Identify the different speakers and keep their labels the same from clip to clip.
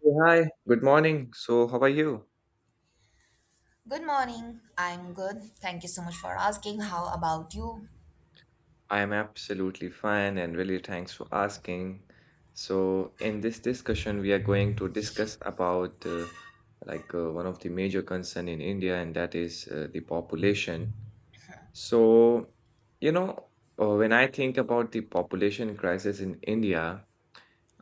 Speaker 1: Hey, hi, good morning. So how are you?
Speaker 2: Good morning. I'm good. Thank you so much for asking. How about you?
Speaker 1: I am absolutely fine and really thanks for asking. So in this discussion, we are going to discuss about like one of the major concern in India, and that is the population. So, you know, when I think about the population crisis in India,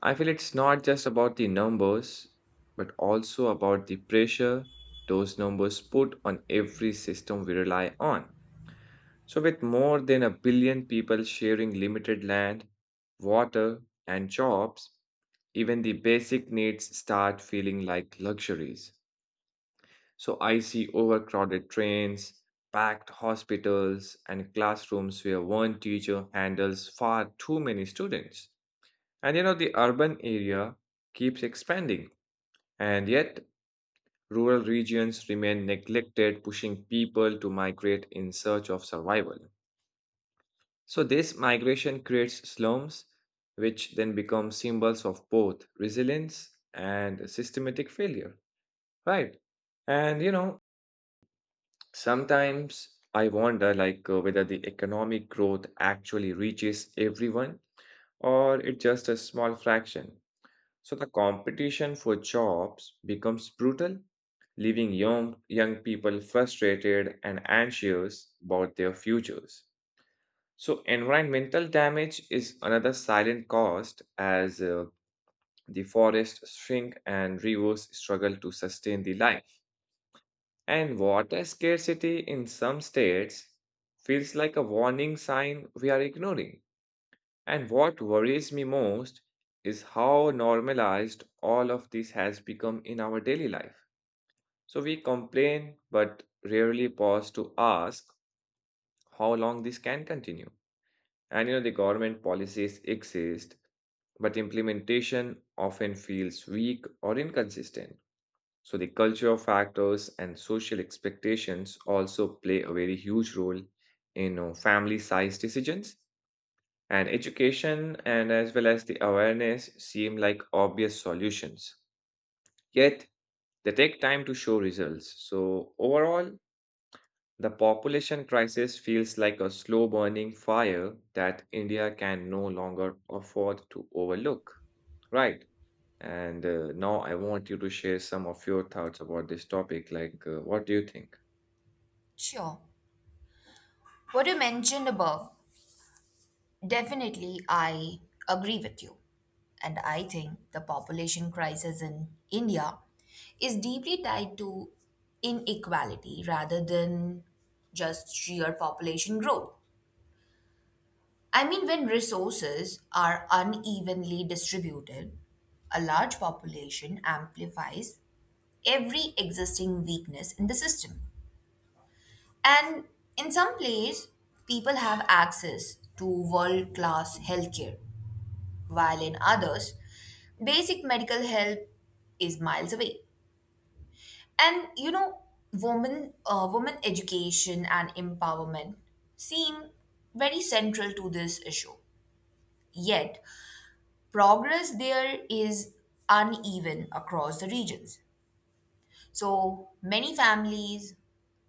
Speaker 1: I feel it's not just about the numbers, but also about the pressure those numbers put on every system we rely on. So with more than a billion people sharing limited land, water, and jobs, even the basic needs start feeling like luxuries. So I see overcrowded trains, packed hospitals, and classrooms where one teacher handles far too many students. And the urban area keeps expanding, and yet rural regions remain neglected, pushing people to migrate in search of survival. So this migration creates slums, which then become symbols of both resilience and systematic failure, right? And sometimes I wonder like whether the economic growth actually reaches everyone or it's just a small fraction. So the competition for jobs becomes brutal, leaving young people frustrated and anxious about their futures. So environmental damage is another silent cost as the forests shrink and rivers struggle to sustain the life. And water scarcity in some states feels like a warning sign we are ignoring. And what worries me most is how normalized all of this has become in our daily life. So we complain but rarely pause to ask how long this can continue. And the government policies exist but implementation often feels weak or inconsistent. So the cultural factors and social expectations also play a very huge role in family size decisions. And education and as well as the awareness seem like obvious solutions. Yet they take time to show results. So overall, the population crisis feels like a slow burning fire that India can no longer afford to overlook. Right. And now I want you to share some of your thoughts about this topic. Like, what do you think?
Speaker 2: Sure. What you mentioned above, definitely I agree with you. And I think the population crisis in India is deeply tied to inequality rather than just sheer population growth. I mean, when resources are unevenly distributed, a large population amplifies every existing weakness in the system. And in some places, people have access to world class healthcare, while in others, basic medical help is miles away. And you know, women education and empowerment seem very central to this issue. Yet, progress there is uneven across the regions. So, many families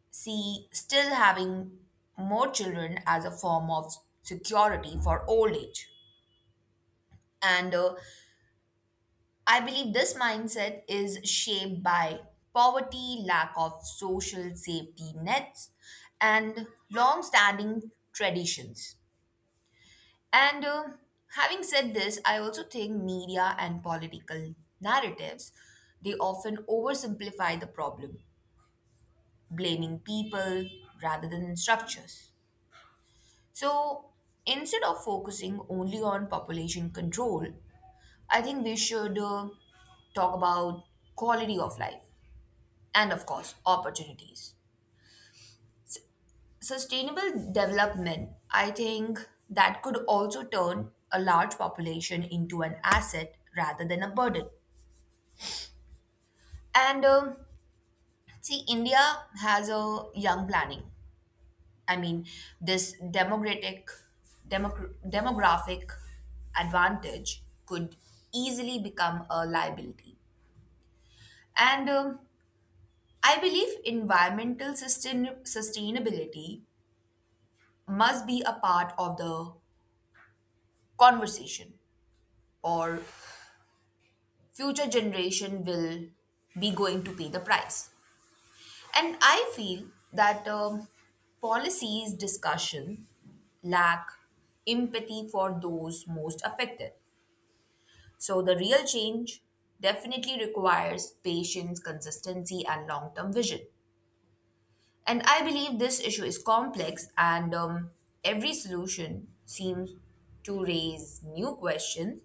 Speaker 2: see still having more children as a form of security for old age. And I believe this mindset is shaped by poverty, lack of social safety nets, and long standing traditions. And having said this, I also think media and political narratives they often oversimplify the problem, blaming people rather than structures. So instead of focusing only on population control, I think we should talk about quality of life and, of course, opportunities. Sustainable development, I think that could also turn a large population into an asset rather than a burden. And see, India has a young planning I mean, this demographic advantage could easily become a liability. And I believe environmental sustainability must be a part of the conversation, or future generation will be going to pay the price. And I feel that policies discussion lack empathy for those most affected. So the real change definitely requires patience, consistency, and long term vision. And I believe this issue is complex, and every solution seems to raise new questions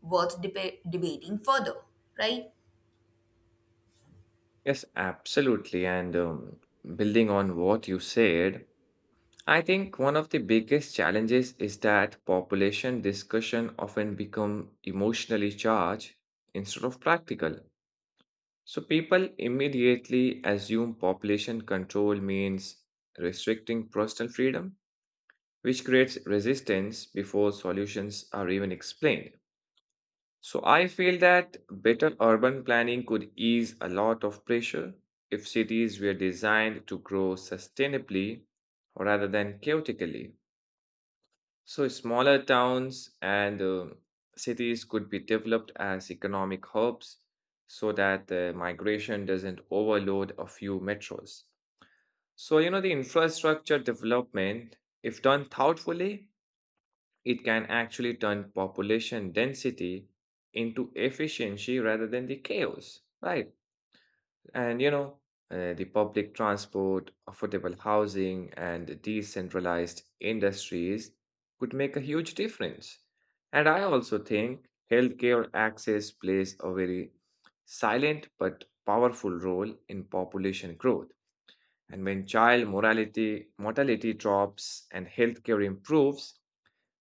Speaker 2: worth debating further, right?
Speaker 1: Yes, absolutely. And building on what you said, I think one of the biggest challenges is that population discussion often become emotionally charged instead of practical. So people immediately assume population control means restricting personal freedom, which creates resistance before solutions are even explained. So I feel that better urban planning could ease a lot of pressure if cities were designed to grow sustainably rather than chaotically. So smaller towns and cities could be developed as economic hubs so that migration doesn't overload a few metros. So, the infrastructure development, if done thoughtfully, it can actually turn population density into efficiency rather than the chaos, right? And the public transport, affordable housing, and decentralized industries could make a huge difference. And I also think healthcare access plays a very silent but powerful role in population growth. And when child morality, mortality drops and healthcare improves,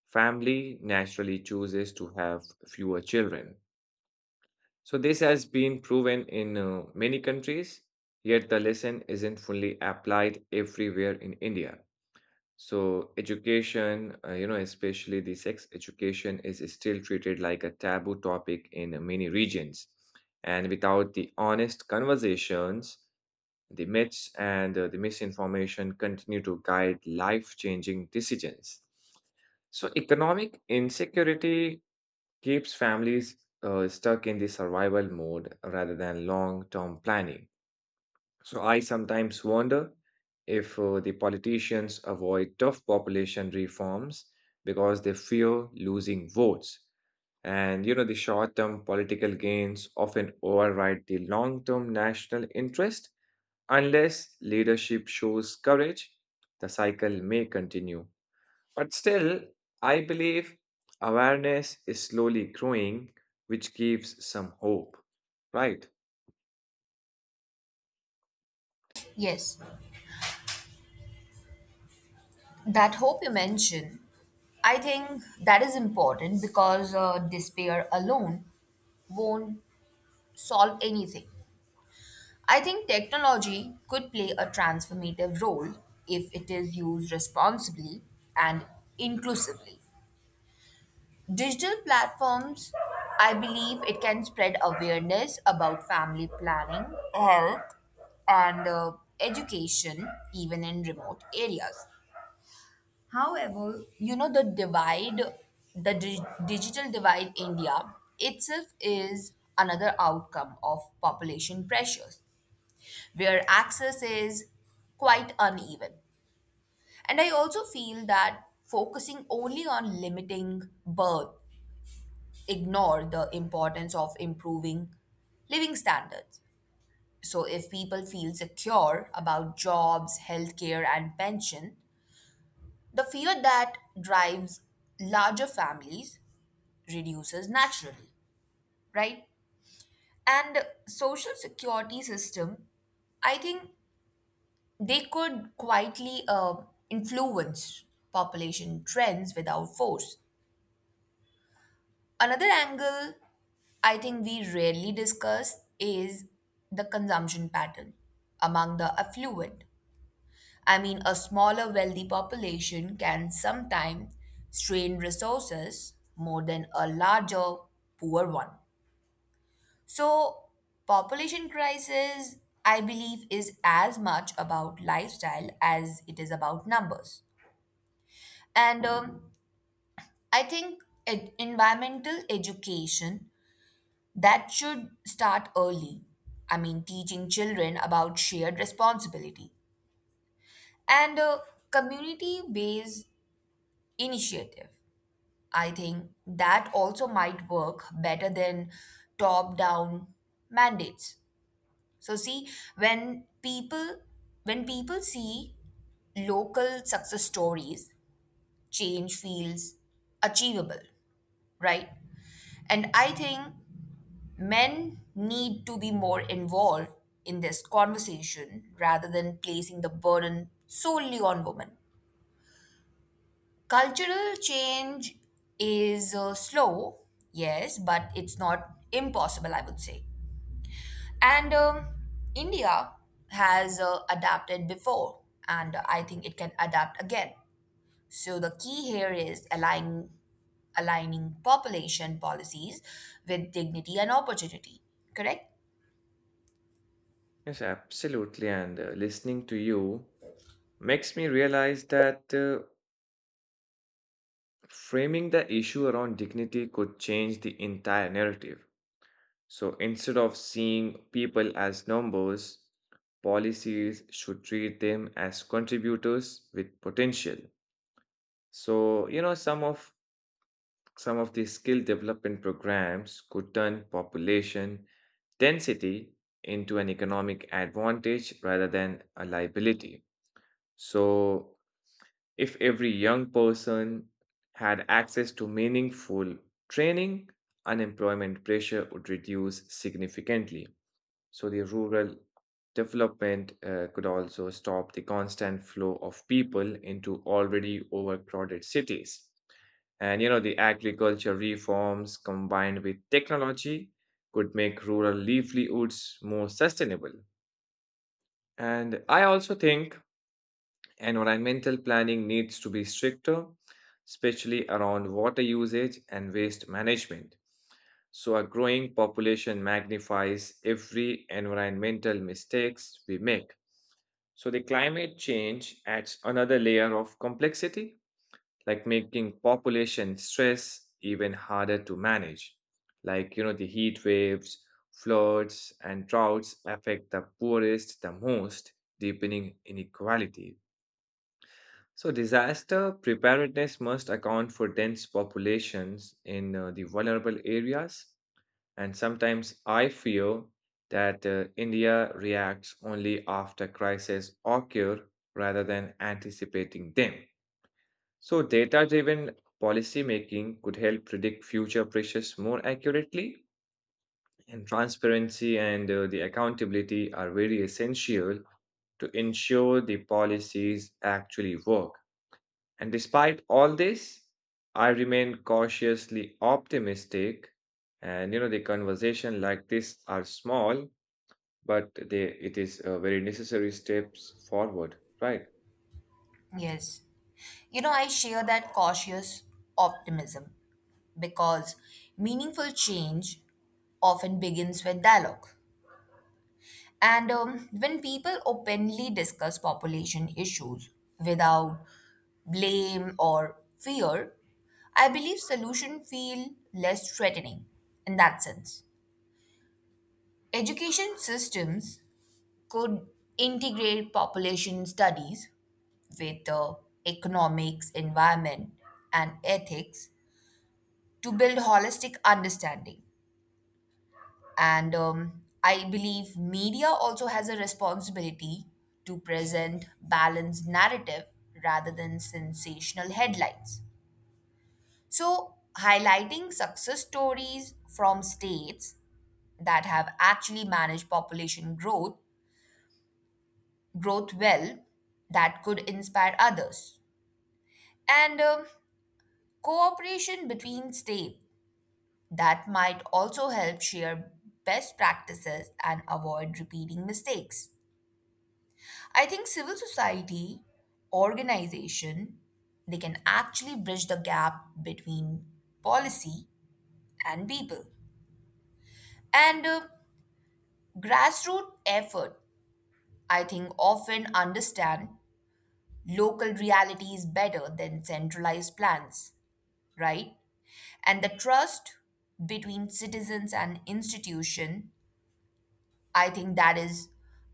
Speaker 1: family naturally chooses to have fewer children. So this has been proven in many countries, yet the lesson isn't fully applied everywhere in India. So education, especially the sex education, is still treated like a taboo topic in many regions. And without the honest conversations, the myths and the misinformation continue to guide life changing decisions. So economic insecurity keeps families stuck in the survival mode rather than long term planning. So I sometimes wonder if the politicians avoid tough population reforms because they fear losing votes. And the short term political gains often override the long term national interest. Unless leadership shows courage, the cycle may continue. But still, I believe awareness is slowly growing, which gives some hope. Right.
Speaker 2: Yes. That hope you mentioned, I think that is important because despair alone won't solve anything. I think technology could play a transformative role if it is used responsibly and inclusively. Digital platforms, I believe it can spread awareness about family planning, health, and education even in remote areas. However, you know the divide, the digital divide India itself is another outcome of population pressures where access is quite uneven. And I also feel that focusing only on limiting birth ignore the importance of improving living standards. So if people feel secure about jobs, healthcare and pension, the fear that drives larger families reduces naturally, right? And social security system I think they could quietly influence population trends without force. Another angle I think we rarely discuss is the consumption pattern among the affluent. I mean, a smaller wealthy population can sometimes strain resources more than a larger poor one. So, population crisis, I believe, is as much about lifestyle as it is about numbers. And I think environmental education that should start early. I mean, teaching children about shared responsibility and a community-based initiative. I think that also might work better than top-down mandates. So see, when people when people see local success stories, change feels achievable, right? And I think men need to be more involved in this conversation rather than placing the burden solely on women. Cultural change is slow, yes, but it's not impossible, I would say. And India has adapted before, and I think it can adapt again. So the key here is aligning population policies with dignity and opportunity. Correct?
Speaker 1: Yes, absolutely. And listening to you makes me realize that framing the issue around dignity could change the entire narrative. So instead of seeing people as numbers, policies should treat them as contributors with potential. So, some of these skill development programs could turn population density into an economic advantage rather than a liability. So if every young person had access to meaningful training, unemployment pressure would reduce significantly. So the rural development could also stop the constant flow of people into already overcrowded cities. And the agriculture reforms combined with technology could make rural livelihoods more sustainable. And I also think environmental planning needs to be stricter, especially around water usage and waste management. So a growing population magnifies every environmental mistakes we make. So the climate change adds another layer of complexity, like making population stress even harder to manage. Like the heat waves, floods, and droughts affect the poorest the most, deepening inequality. So disaster preparedness must account for dense populations in the vulnerable areas, and sometimes I feel that India reacts only after crises occur rather than anticipating them. So data driven policy making could help predict future pressures more accurately, and transparency and the accountability are very essential to ensure the policies actually work. And despite all this, I remain cautiously optimistic. And the conversation like this are small, but they it is a very necessary steps forward, right?
Speaker 2: Yes. You know, I share that cautious optimism because meaningful change often begins with dialogue. And when people openly discuss population issues without blame or fear, I believe solutions feel less threatening in that sense. Education systems could integrate population studies with economics, environment, and ethics to build holistic understanding. And I believe media also has a responsibility to present balanced narrative rather than sensational headlines. So, highlighting success stories from states that have actually managed population growth well that could inspire others and cooperation between states that might also help share best practices and avoid repeating mistakes. I think civil society organization they can actually bridge the gap between policy and people. And grassroots effort I think often understand local realities better than centralized plans, right? And the trust between citizens and institution I think that is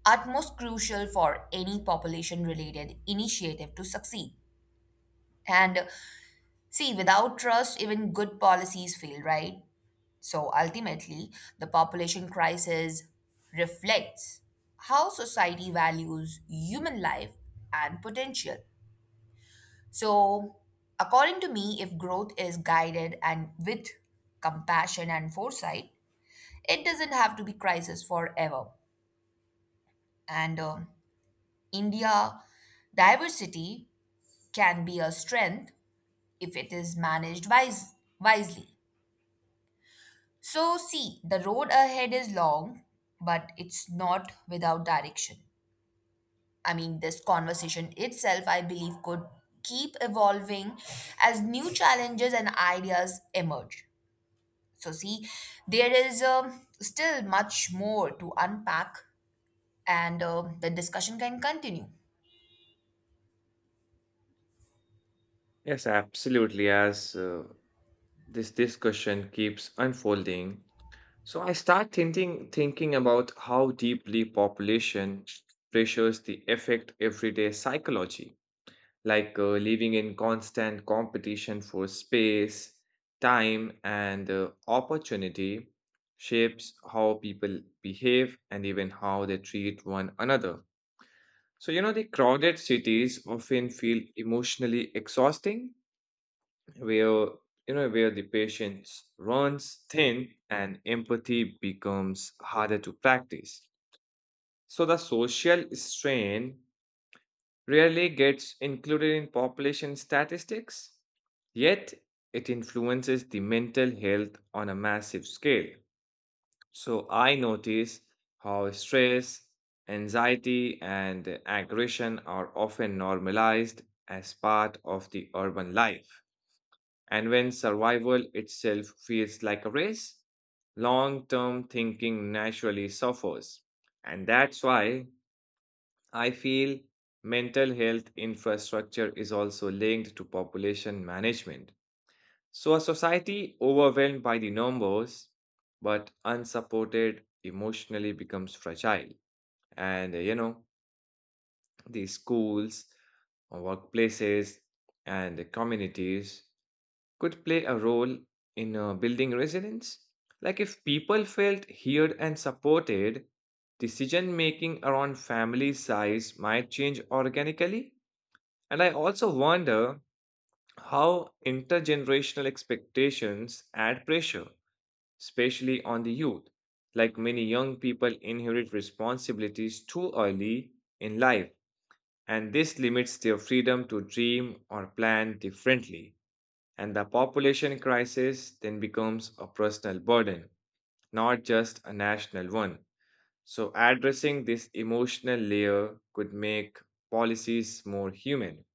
Speaker 2: utmost crucial for any population related initiative to succeed. And see, without trust, even good policies fail, right? So ultimately, the population crisis reflects how society values human life and potential. So, according to me, if growth is guided and with compassion and foresight, it doesn't have to be crisis forever. And India diversity can be a strength if it is managed wisely. So, see, the road ahead is long, but it's not without direction. I mean, this conversation itself, I believe, could keep evolving as new challenges and ideas emerge. So, see, there is still much more to unpack, and the discussion can continue.
Speaker 1: Yes, absolutely. As this discussion keeps unfolding, so I start thinking about how deeply population pressures the affect everyday psychology. Like living in constant competition for space, time, and opportunity shapes how people behave and even how they treat one another. So, the crowded cities often feel emotionally exhausting, where you know where the patience runs thin and empathy becomes harder to practice. So the social strain rarely gets included in population statistics, yet it influences the mental health on a massive scale. So I notice how stress, anxiety, and aggression are often normalized as part of the urban life. And when survival itself feels like a race, long term thinking naturally suffers. And that's why I feel mental health infrastructure is also linked to population management. So a society overwhelmed by the numbers but unsupported emotionally becomes fragile. And, the schools, workplaces, and the communities could play a role in building resilience. Like, if people felt heard and supported, decision making around family size might change organically, and I also wonder how intergenerational expectations add pressure, especially on the youth. Like many young people inherit responsibilities too early in life, and this limits their freedom to dream or plan differently. And the population crisis then becomes a personal burden, not just a national one. So addressing this emotional layer could make policies more human.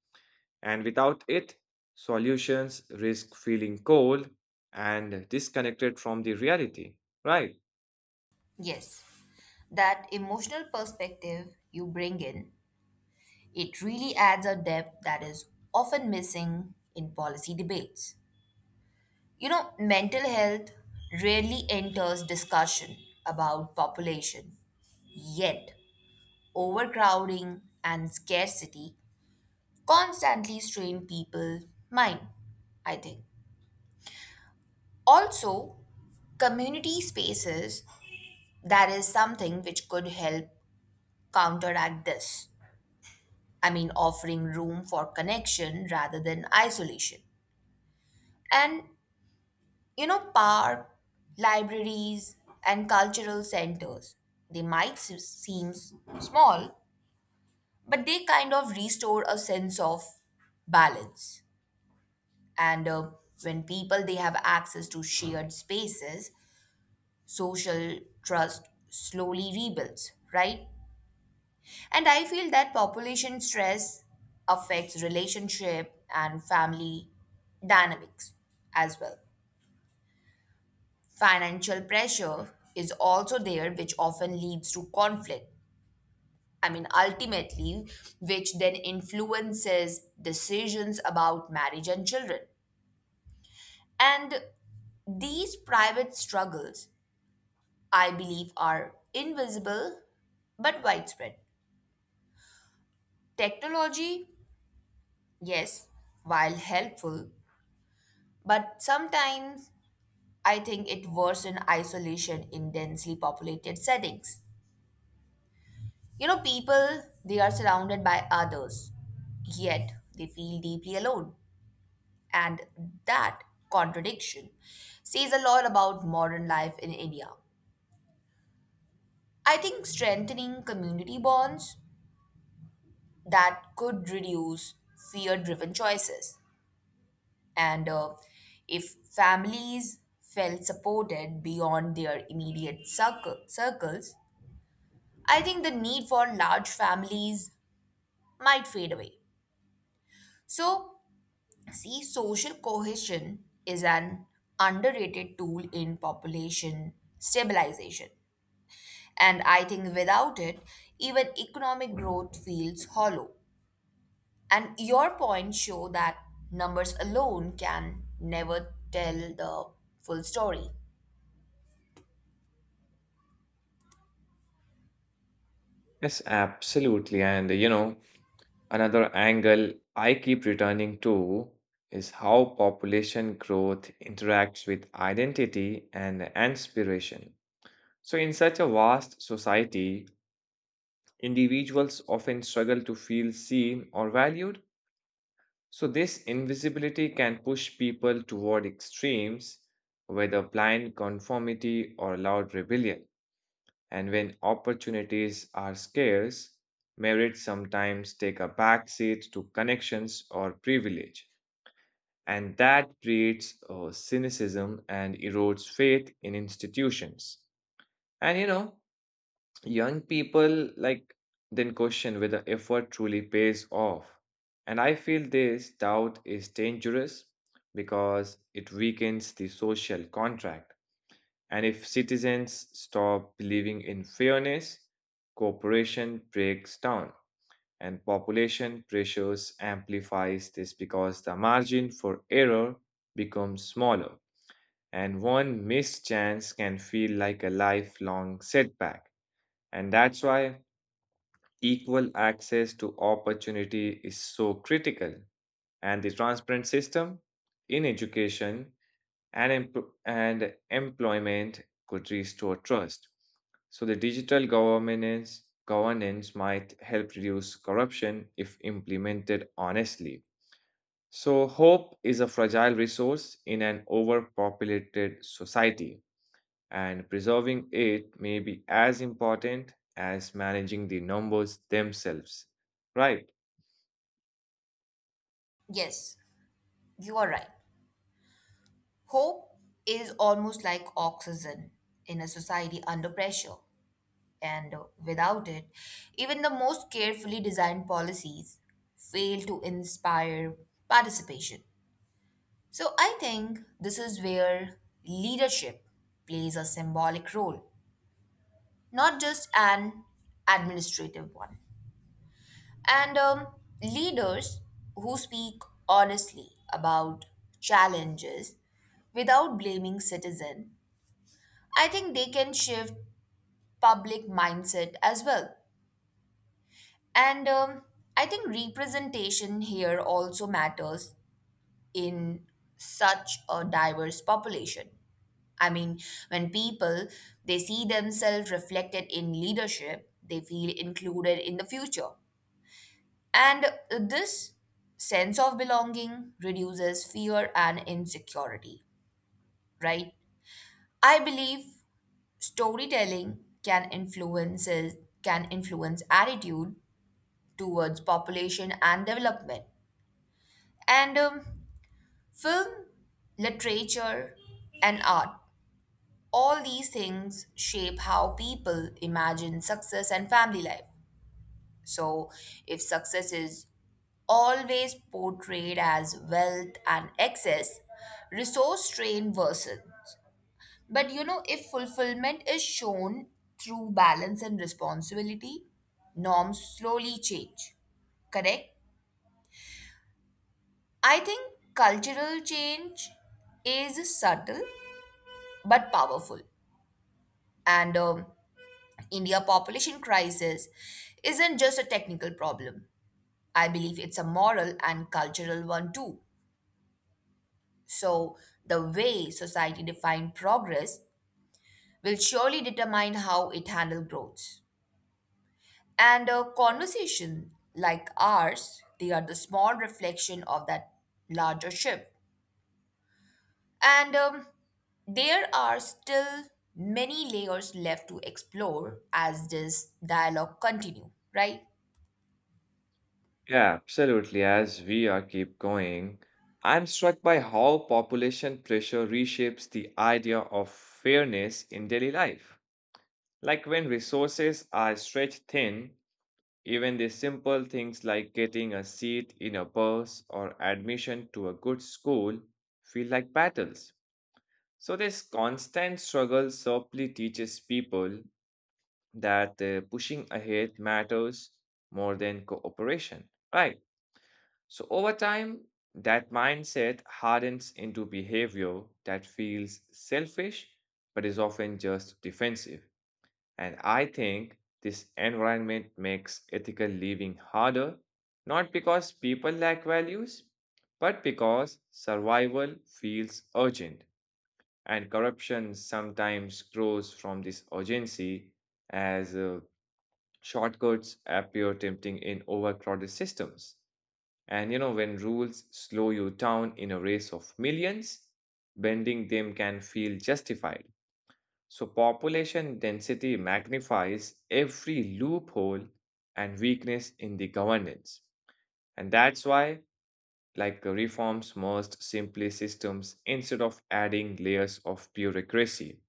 Speaker 1: And without it, solutions risk feeling cold and disconnected from the reality, right?
Speaker 2: Yes. That emotional perspective you bring in, it really adds a depth that is often missing in policy debates. You know, mental health rarely enters discussion about population, yet, overcrowding and scarcity constantly strain people's mind, I think. Also, community spaces that is something which could help counteract this I mean, offering room for connection rather than isolation. And, you know, park, libraries, and cultural centers, they might small, but they kind of restore a sense of balance. And when people, they have access to shared spaces, social trust slowly rebuilds, right? And I feel that population stress affects relationship and family dynamics as well. Financial pressure is also there, which often leads to conflict. I mean, ultimately, which then influences decisions about marriage and children. And these private struggles, I believe, are invisible but widespread. Technology, yes, while helpful, but sometimes I think it worse in isolation in densely populated settings. You know, people, they are surrounded by others, yet they feel deeply alone. And that contradiction says a lot about modern life in India. I think strengthening community bonds that could reduce fear driven choices. And if families felt supported beyond their immediate circles, I think the need for large families might fade away. So, see, social cohesion is an underrated tool in population stabilization. And I think without it, even economic growth feels hollow. And your points show that numbers alone can never tell the full story.
Speaker 1: Yes, absolutely. And another angle I keep returning to is how population growth interacts with identity and inspiration. So in such a vast society, individuals often struggle to feel seen or valued. So this invisibility can push people toward extremes, whether blind conformity or loud rebellion. And when opportunities are scarce, merit sometimes take a backseat to connections or privilege. And that creates cynicism and erodes faith in institutions. And young people like then question whether effort truly pays off. And I feel this doubt is dangerous because it weakens the social contract. And if citizens stop believing in fairness, cooperation breaks down. And population pressures amplifies this because the margin for error becomes smaller, and one missed chance can feel like a lifelong setback. And that's why equal access to opportunity is so critical, and the transparent system in education and employment could restore trust. So the digital governance might help reduce corruption if implemented honestly. So hope is a fragile resource in an overpopulated society, and preserving it may be as important as managing the numbers themselves. Right.
Speaker 2: Yes, you are right. Hope is almost like oxygen in a society under pressure. And without it, even the most carefully designed policies fail to inspire participation. So I think this is where leadership plays a symbolic role, not just an administrative one. And leaders who speak honestly about challenges without blaming citizen, I think they can shift public mindset as well. And I think representation here also matters in such a diverse population. I mean, when people they see themselves reflected in leadership, they feel included in the future. And this sense of belonging reduces fear and insecurity, right? I believe storytelling can influences can influence attitude towards population and development. And film, literature, and art all these things shape how people imagine success and family life. So, if success is always portrayed as wealth and excess, resource strain worsens. But you know, if fulfillment is shown through balance and responsibility, norms slowly change correct? I think cultural change is subtle but powerful. And India population crisis isn't just a technical problem. I believe it's a moral and cultural one too. So the way society defines progress will surely determine how it handles growth. And a conversation like ours, they are the small reflection of that larger shift. And there are still many layers left to explore as this dialogue continue, right?
Speaker 1: Yeah, absolutely. As we are keep going, I'm struck by how population pressure reshapes the idea of fairness in daily life. Like when resources are stretched thin, even the simple things like getting a seat in a bus or admission to a good school feel like battles. So this constant struggle simply teaches people that pushing ahead matters more than cooperation, right? So over time, that mindset hardens into behavior that feels selfish but is often just defensive. And I think this environment makes ethical living harder, not because people lack values, but because survival feels urgent. And corruption sometimes grows from this urgency as shortcuts appear tempting in overcrowded systems. And when rules slow you down in a race of millions, bending them can feel justified. So population density magnifies every loophole and weakness in the governance. And that's why, like reforms must simply systems instead of adding layers of bureaucracy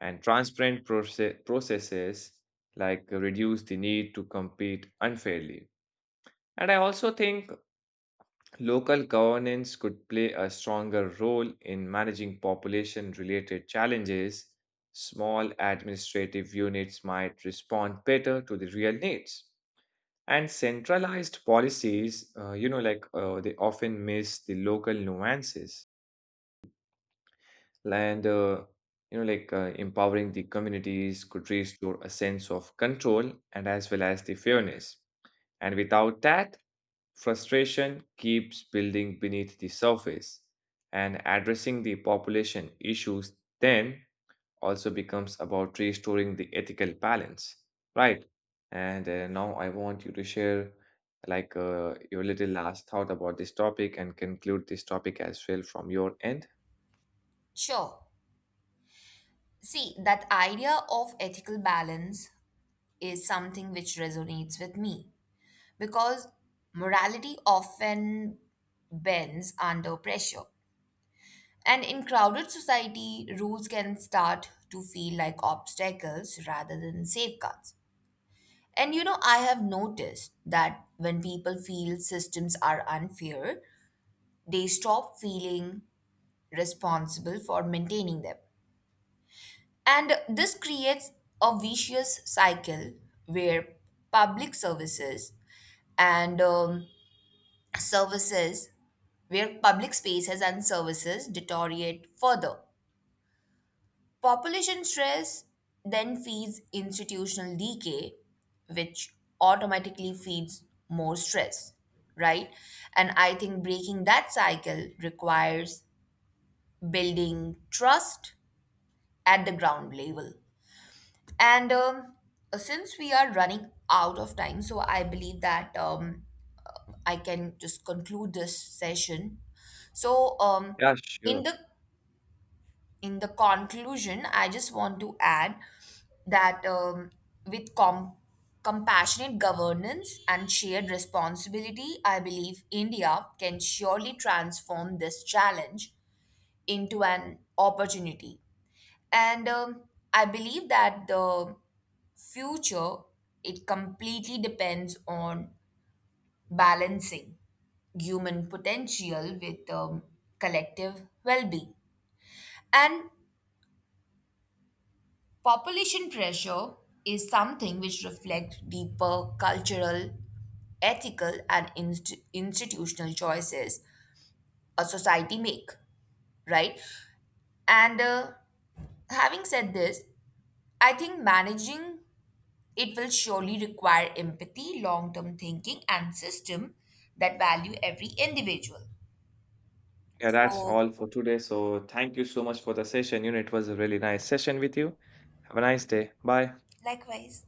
Speaker 1: and transparent processes like reduce the need to compete unfairly. And I also think local governance could play a stronger role in managing population related challenges. Small administrative units might respond better to the real needs. And centralized policies, like they often miss the local nuances. Land like empowering the communities could restore a sense of control and as well as the fairness. And without that, frustration keeps building beneath the surface. And addressing the population issues then also becomes about restoring the ethical balance, right? And now I want you to share like your little last thought about this topic and conclude this topic as well from your end.
Speaker 2: Sure. See, that idea of ethical balance is something which resonates with me because morality often bends under pressure. And in crowded society, rules can start to feel like obstacles rather than safeguards. And you know, I have noticed that when people feel systems are unfair, they stop feeling responsible for maintaining them. And this creates a vicious cycle where public services and services, where public spaces and services deteriorate further. Population stress then feeds institutional decay, which automatically feeds more stress, right? And I think breaking that cycle requires building trust at the ground level. And since we are running out of time, so I believe that I can just conclude this session. So
Speaker 1: Yeah,
Speaker 2: in
Speaker 1: sure.
Speaker 2: the in the conclusion, I just want to add that with compassionate governance and shared responsibility, I believe India can surely transform this challenge into an opportunity. And I believe that the future, it completely depends on balancing human potential with collective well being. And population pressure is something which reflects deeper cultural, ethical, and institutional choices a society make, right? And having said this, I think managing it will surely require empathy, long term thinking, and system that value every individual.
Speaker 1: Yeah, that's
Speaker 2: So,
Speaker 1: all for today. So thank you so much for the session. It was a really nice session with you. Have a nice day. Bye.
Speaker 2: likewise.